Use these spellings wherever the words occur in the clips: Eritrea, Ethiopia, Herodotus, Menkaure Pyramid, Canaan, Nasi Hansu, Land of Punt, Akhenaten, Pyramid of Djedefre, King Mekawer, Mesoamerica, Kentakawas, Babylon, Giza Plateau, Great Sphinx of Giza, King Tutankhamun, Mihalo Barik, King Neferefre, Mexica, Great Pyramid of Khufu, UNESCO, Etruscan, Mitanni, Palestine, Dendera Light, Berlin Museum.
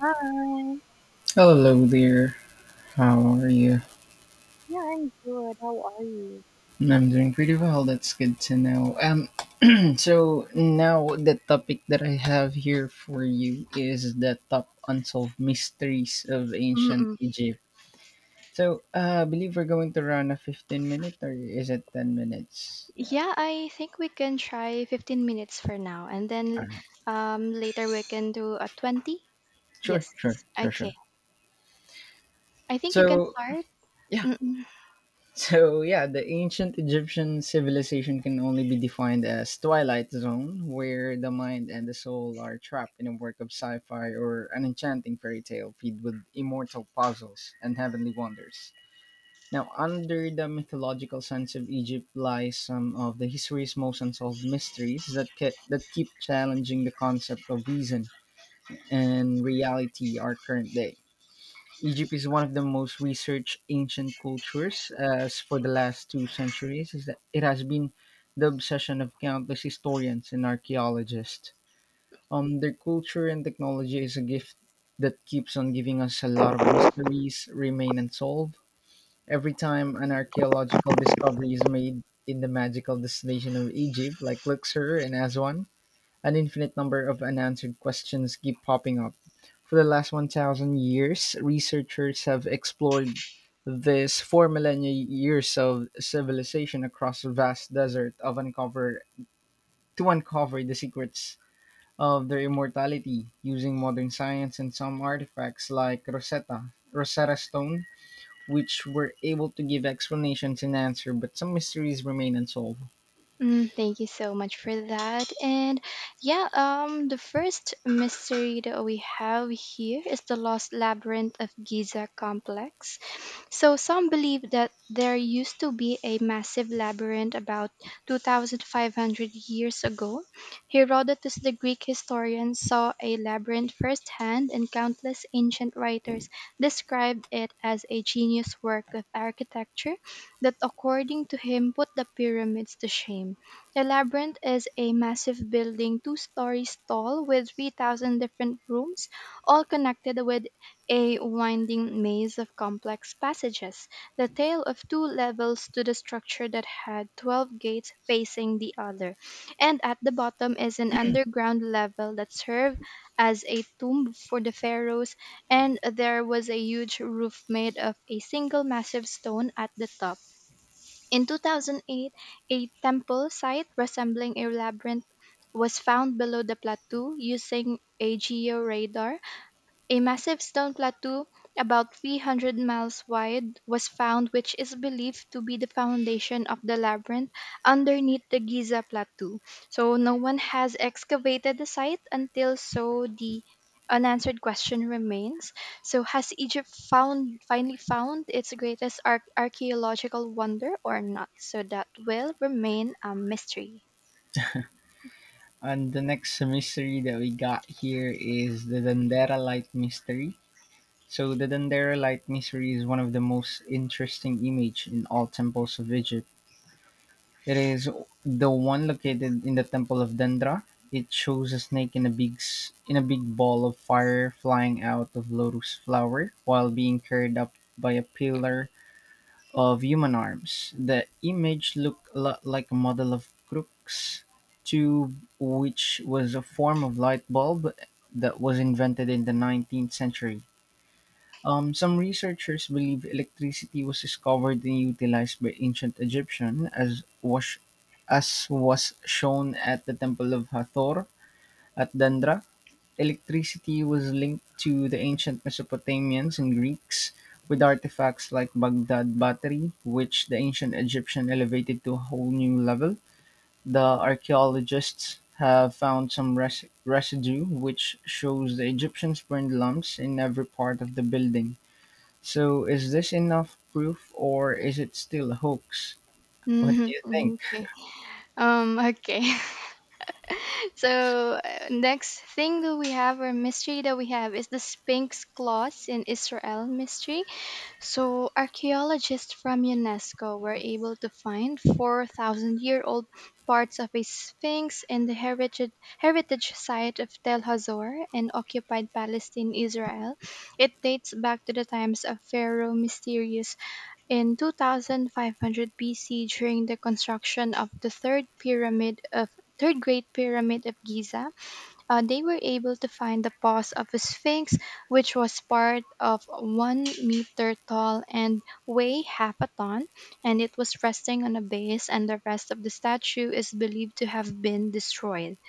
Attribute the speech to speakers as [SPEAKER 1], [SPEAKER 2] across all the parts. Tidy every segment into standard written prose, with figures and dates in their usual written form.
[SPEAKER 1] Hi.
[SPEAKER 2] Hello there. How are you?
[SPEAKER 1] Yeah, I'm good. How are you?
[SPEAKER 2] I'm doing pretty well. That's good to know. So now the topic that I have here for you is the top unsolved mysteries of ancient
[SPEAKER 1] Mm-mm.
[SPEAKER 2] Egypt. So I believe we're going to run a 15 minute or is it 10 minutes?
[SPEAKER 1] Yeah, I think we can try 15 minutes for now and
[SPEAKER 2] All
[SPEAKER 1] then
[SPEAKER 2] right.
[SPEAKER 1] later we can do a 20.
[SPEAKER 2] Sure,
[SPEAKER 1] Yes.
[SPEAKER 2] sure, sure,
[SPEAKER 1] Okay.
[SPEAKER 2] sure.
[SPEAKER 1] I think you can
[SPEAKER 2] So
[SPEAKER 1] start.
[SPEAKER 2] yeah,
[SPEAKER 1] Mm-mm.
[SPEAKER 2] So yeah, the ancient Egyptian civilization can only be defined as twilight zone, where the mind and the soul are trapped in a work of sci-fi or an enchanting fairy tale filled with immortal puzzles and heavenly wonders. Now, under the mythological sense of Egypt lies some of the history's most unsolved mysteries that keep challenging the concept of reason and reality our current day. Egypt is one of the most researched ancient cultures, as for the last two centuries, is that it has been the obsession of countless historians and archaeologists. Their culture and technology is a gift that keeps on giving us a lot of mysteries remain unsolved. Every time an archaeological discovery is made in the magical destination of Egypt, like Luxor and Aswan, an infinite number of unanswered questions keep popping up. For the last 1,000 years, researchers have explored this four millennia years of civilization across a vast desert of uncover the secrets of their immortality using modern science and some artifacts like Rosetta Stone, which were able to give explanations and answers, but some mysteries remain unsolved.
[SPEAKER 1] Mm, thank you so much for that. And yeah, the first mystery that we have here is the Lost Labyrinth of Giza complex. So some believe that there used to be a massive labyrinth about 2,500 years ago. Herodotus, the Greek historian, saw a labyrinth firsthand, and countless ancient writers described it as a genius work of architecture that according to him put the pyramids to shame. The labyrinth is a massive building, two stories tall, with 3,000 different rooms, all connected with a winding maze of complex passages. The tale of two levels to the structure that had 12 gates facing the other. And at the bottom is an underground level that served as a tomb for the pharaohs, and there was a huge roof made of a single massive stone at the top. In 2008, a temple site resembling a labyrinth was found below the plateau using a georadar, a massive stone plateau, about 300 miles wide, was found, which is believed to be the foundation of the labyrinth underneath the Giza Plateau. So no one has excavated the site, until so the unanswered question remains. So, has Egypt found finally found its greatest archaeological wonder or not? So that will remain a mystery.
[SPEAKER 2] And the next mystery that we got here is the Dendera Light Mystery. So the Dendera Light Mystery is one of the most interesting image in all temples of Egypt. It is the one located in the temple of Dendera. It shows a snake in a big ball of fire flying out of lotus flower while being carried up by a pillar of human arms. The image looked a lot like a model of Crookes tube, which was a form of light bulb that was invented in the 19th century. Some researchers believe electricity was discovered and utilized by ancient Egyptian, as was shown at the Temple of Hathor at Dendra. Electricity was linked to the ancient Mesopotamians and Greeks with artifacts like Baghdad Battery, which the ancient Egyptian elevated to a whole new level. The archaeologists have found some residue which shows the Egyptians burned lumps in every part of the building. So, is this enough proof or is it still a hoax? What do
[SPEAKER 1] Hmm.
[SPEAKER 2] you think?
[SPEAKER 1] Okay. Okay. So next thing that we have or mystery that we have is the Sphinx Claws in Israel mystery. So archaeologists from UNESCO were able to find 4,000 year old parts of a sphinx in the heritage site of Tel Hazor in occupied Palestine, Israel. It dates back to the times of Pharaoh Mysterious in 2500 BC, during the construction of the Third Great Pyramid of Giza. They were able to find the paws of a sphinx, which was part of 1 meter tall and weigh half a ton, and it was resting on a base, and the rest of the statue is believed to have been destroyed.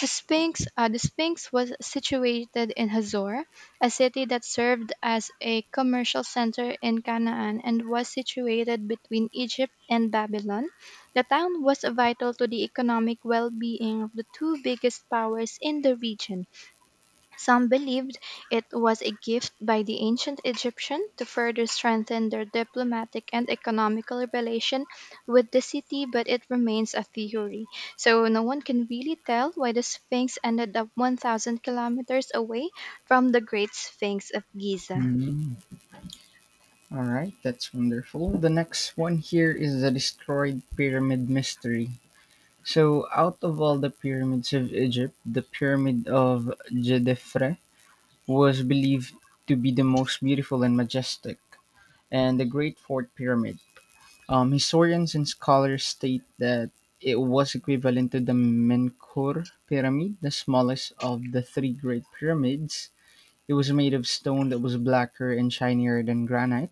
[SPEAKER 1] The Sphinx was situated in Hazor, a city that served as a commercial center in Canaan and was situated between Egypt and Babylon. The town was vital to the economic well being of the two biggest powers in the region. Some believed it was a gift by the ancient Egyptians to further strengthen their diplomatic and economical relation with the city, but it remains a theory. So no one can really tell why the Sphinx ended up 1,000 kilometers away from the Great Sphinx of Giza.
[SPEAKER 2] Mm, all right, that's wonderful. The next one here is the destroyed pyramid mystery. So, out of all the pyramids of Egypt, the Pyramid of Djedefre was believed to be the most beautiful and majestic, and the Great Fourth Pyramid. Historians and scholars state that it was equivalent to the Menkaure Pyramid, the smallest of the three Great Pyramids. It was made of stone that was blacker and shinier than granite.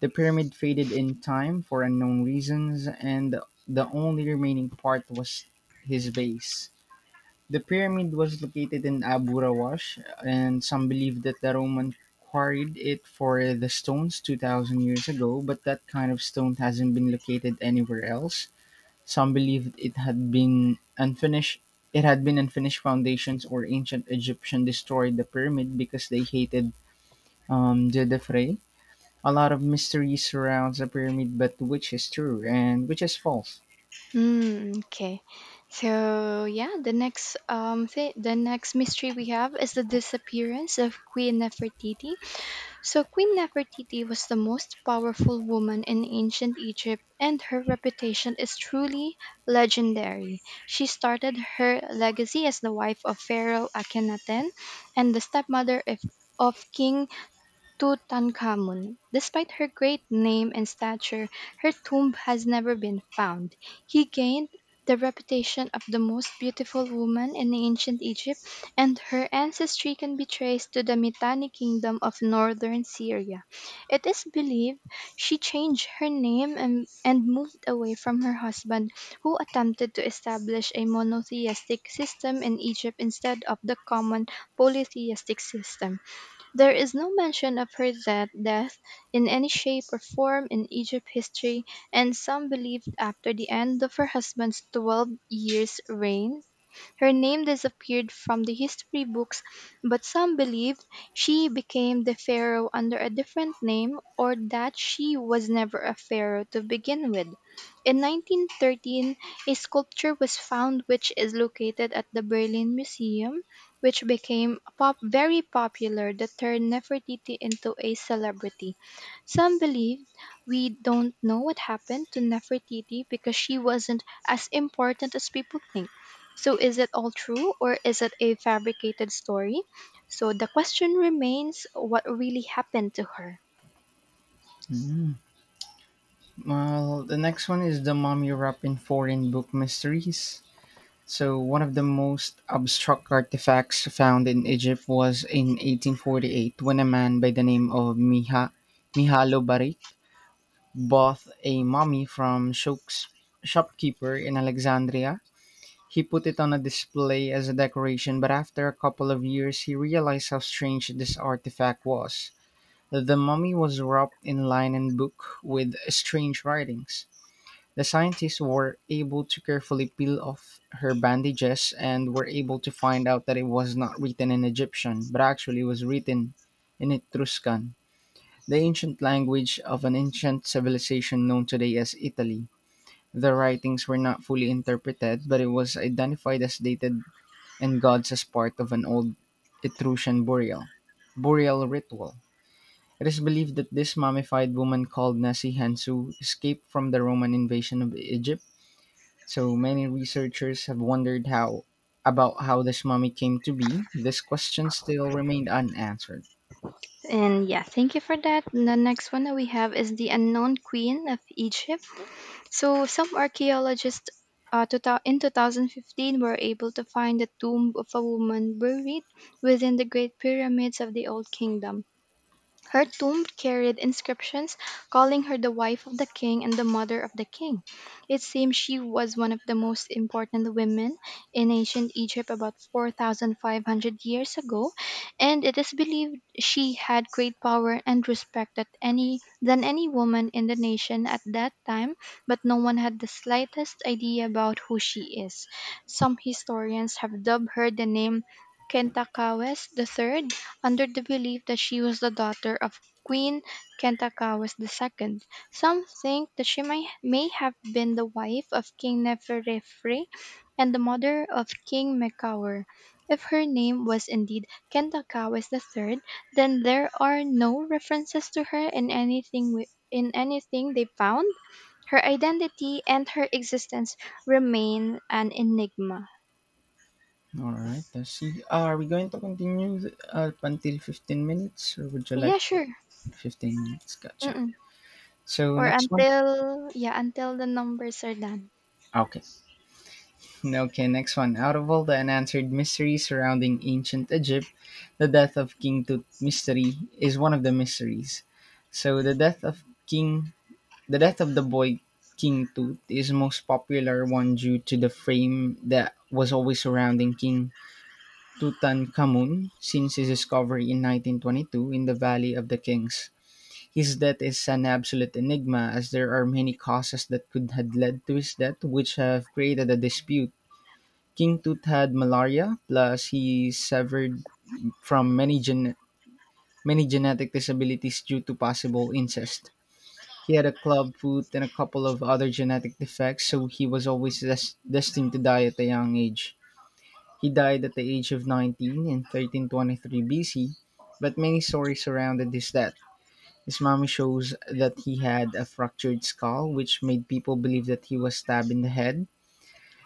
[SPEAKER 2] The pyramid faded in time for unknown reasons, and the only remaining part was his base. The pyramid was located in Abu Rawash, and some believe that the Roman quarried it for the stones 2,000 years ago, but that kind of stone hasn't been located anywhere else. Some believed it had been unfinished It had been unfinished foundations or ancient Egyptian destroyed the pyramid because they hated the defray. A lot of mystery surrounds the pyramid, but which is true and which is false?
[SPEAKER 1] Mm, okay. So yeah, the next mystery we have is the disappearance of Queen Nefertiti. So Queen Nefertiti was the most powerful woman in ancient Egypt and her reputation is truly legendary. She started her legacy as the wife of Pharaoh Akhenaten and the of King Tutankhamun. Despite her great name and stature, her tomb has never been found. He gained the reputation of the most beautiful woman in ancient Egypt, and her ancestry can be traced to the Mitanni kingdom of northern Syria. It is believed she changed her name and moved away from her husband, who attempted to establish a monotheistic system in Egypt instead of the common polytheistic system. There is no mention of her death in any shape or form in Egypt history, and some believe after the end of her husband's 12 years' reign her name disappeared from the history books, but some believed she became the pharaoh under a different name or that she was never a pharaoh to begin with. In 1913 a sculpture was found which is located at the Berlin Museum, which very popular that turned Nefertiti into a celebrity. Some believe we don't know what happened to Nefertiti because she wasn't as important as people think. So is it all true or is it a fabricated story? So the question remains, what really happened to her?
[SPEAKER 2] Mm. Well, the next one is the mummy wrapped in foreign book mysteries. So, one of the most abstract artifacts found in Egypt was in 1848 when a man by the name of Mihalo Barik bought a mummy from Shouk's shopkeeper in Alexandria. He put it on a display as a decoration, but after a couple of years, he realized how strange this artifact was. The mummy was wrapped in linen book with strange writings. The scientists were able to carefully peel off her bandages and were able to find out that it was not written in Egyptian, but actually was written in Etruscan, the ancient language of an ancient civilization known today as Italy. The writings were not fully interpreted, but it was identified as dated and gods as part of an old Etruscan burial ritual. It is believed that this mummified woman called Nasi Hansu escaped from the Roman invasion of Egypt so many researchers have wondered how about how this mummy came to be. This question still remained unanswered.
[SPEAKER 1] And yeah, thank you for that. The next one that we have is the unknown queen of Egypt. So some archaeologists in 2015 were able to find the tomb of a woman buried within the Great Pyramids of the Old Kingdom. Her tomb carried inscriptions calling her the wife of the king and the mother of the king. It seems she was one of the most important women in ancient Egypt about 4,500 years ago, and it is believed she had great power and respect that than any woman in the nation at that time, but no one had the slightest idea about who she is. Some historians have dubbed her the name Kentakawas the Third, under the belief that she was the daughter of Queen Kentakawas II. Some think that may have been the wife of King Neferefre and the mother of King Mekawer. If her name was indeed Kentakawas III, then there are no references to her in in anything they found. Her identity and her existence remain an enigma.
[SPEAKER 2] All right, let's see. Ah, are we going to continue up until 15 minutes, or would you
[SPEAKER 1] Yeah,
[SPEAKER 2] like to-
[SPEAKER 1] sure.
[SPEAKER 2] 15 minutes? Gotcha.
[SPEAKER 1] Mm-mm.
[SPEAKER 2] So
[SPEAKER 1] Or
[SPEAKER 2] next one.
[SPEAKER 1] until yeah, until the numbers are done.
[SPEAKER 2] Okay. Okay, next one. Out of all the unanswered mysteries surrounding ancient Egypt, the death of King Tut mystery is one of the mysteries. So the Death of the Boy King Tut is most popular one due to the fame that was always surrounding King Tutankhamun since his discovery in 1922 in the Valley of the Kings. His death is an absolute enigma as there are many causes that could have led to his death which have created a dispute. King Tut had malaria plus he suffered from many gen- many genetic disabilities due to possible incest. He had a club foot and a couple of other genetic defects, so he was always destined to die at a young age. He died at the age of 19 in 1323 BC, but many stories surrounded his death. His mummy shows that he had a fractured skull, which made people believe that he was stabbed in the head.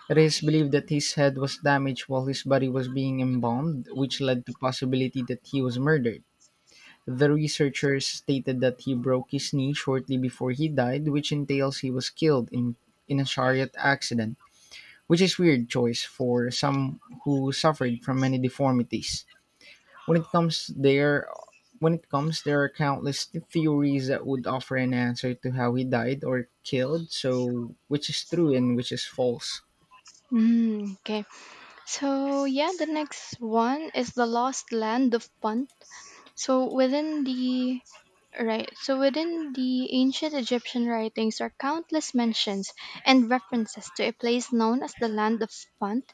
[SPEAKER 2] It is believed that his head was damaged while his body was being embalmed, which led to possibility that he was murdered. The researchers stated that he broke his knee shortly before he died, which entails he was killed in a chariot accident, which is weird choice for some who suffered from many deformities. When it comes there when it comes there are countless theories that would offer an answer to how he died or killed, so which is true and which is false.
[SPEAKER 1] Mm, okay. So yeah, the next one is the Lost Land of Punt. So within the Right. So within the ancient Egyptian writings are countless mentions and references to a place known as the Land of Punt.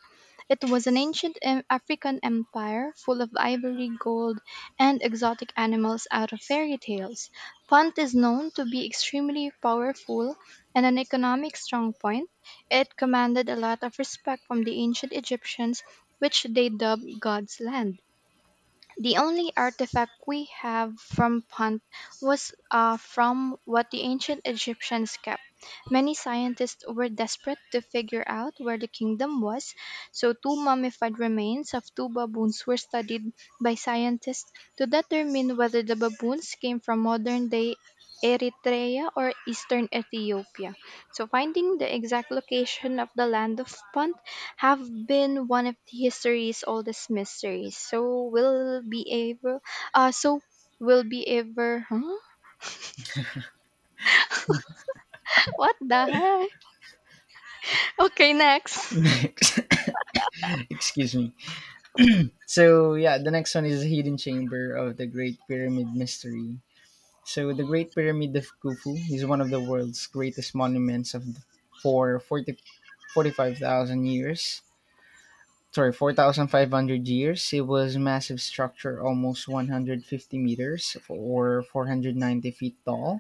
[SPEAKER 1] It was an ancient African empire full of ivory, gold, and exotic animals out of fairy tales. Punt is known to be extremely powerful and an economic strong point. It commanded a lot of respect from the ancient Egyptians, which they dubbed God's Land. The only artifact we have from Punt was from what the ancient Egyptians kept. Many scientists were desperate to figure out where the kingdom was, so two mummified remains of two baboons were studied by scientists to determine whether the baboons came from modern day Eritrea or eastern Ethiopia. So, finding the exact location of the land of Punt have been one of the history's oldest mysteries. So able uh so will be ever, huh? What the heck? Okay, next.
[SPEAKER 2] Excuse me. So yeah, the next one is the Hidden Chamber of the Great Pyramid Mystery. So the Great Pyramid of Khufu is one of the world's greatest monuments of the, for 40 45,000 years. Sorry, 4,500 years. It was a massive structure, almost 150 meters or 490 feet tall,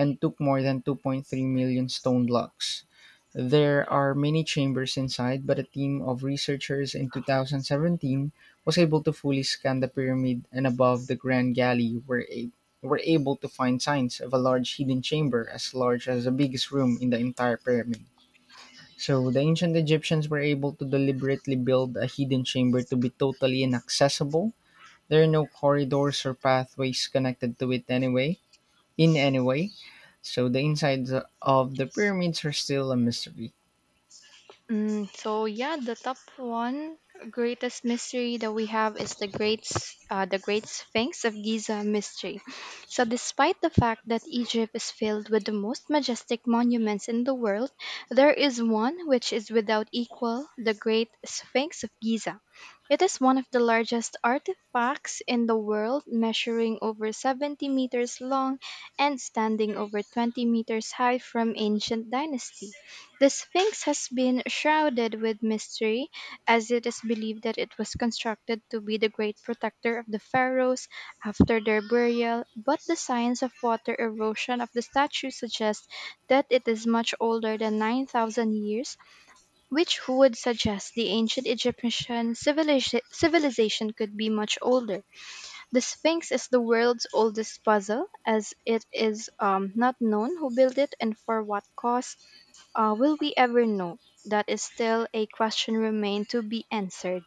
[SPEAKER 2] and took more than 2.3 million stone blocks. There are many chambers inside, but a team of researchers in 2017 was able to fully scan the pyramid and above the Grand Galley were able to find signs of a large hidden chamber as large as the biggest room in the entire pyramid. So the ancient Egyptians were able to deliberately build a hidden chamber to be totally inaccessible. There are no corridors or pathways connected to it in any way. So the insides of the pyramids are still a mystery.
[SPEAKER 1] Mm, so yeah, the top one greatest mystery that we have is the Great Sphinx of Giza mystery. So despite the fact that Egypt is filled with the most majestic monuments in the world, there is one which is without equal, the Great Sphinx of Giza. It is one of the largest artifacts in the world, measuring over 70 meters long and standing over 20 meters high from ancient dynasty. The Sphinx has been shrouded with mystery, as it is believed that it was constructed to be the great protector of the pharaohs after their burial, but the signs of water erosion of the statue suggest that it is much older than 9,000 years, which would suggest the ancient Egyptian civilization could be much older. The Sphinx is the world's oldest puzzle, as it is not known who built it and for what cause. Will we ever know? That is still a question remain to be answered.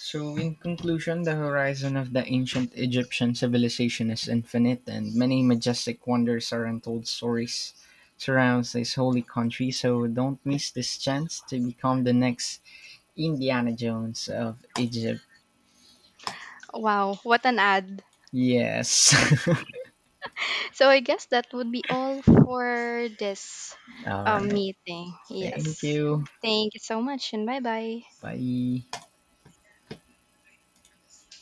[SPEAKER 2] So in conclusion, the horizon of the ancient Egyptian civilization is infinite and many majestic wonders are untold stories surrounds this holy country. So don't miss this chance to become the next Indiana Jones of Egypt.
[SPEAKER 1] Wow, what an ad.
[SPEAKER 2] Yes.
[SPEAKER 1] So I guess that would be all for this
[SPEAKER 2] All right.
[SPEAKER 1] meeting.
[SPEAKER 2] Thank
[SPEAKER 1] Yes.
[SPEAKER 2] you.
[SPEAKER 1] Thank you so much and bye bye.
[SPEAKER 2] Bye.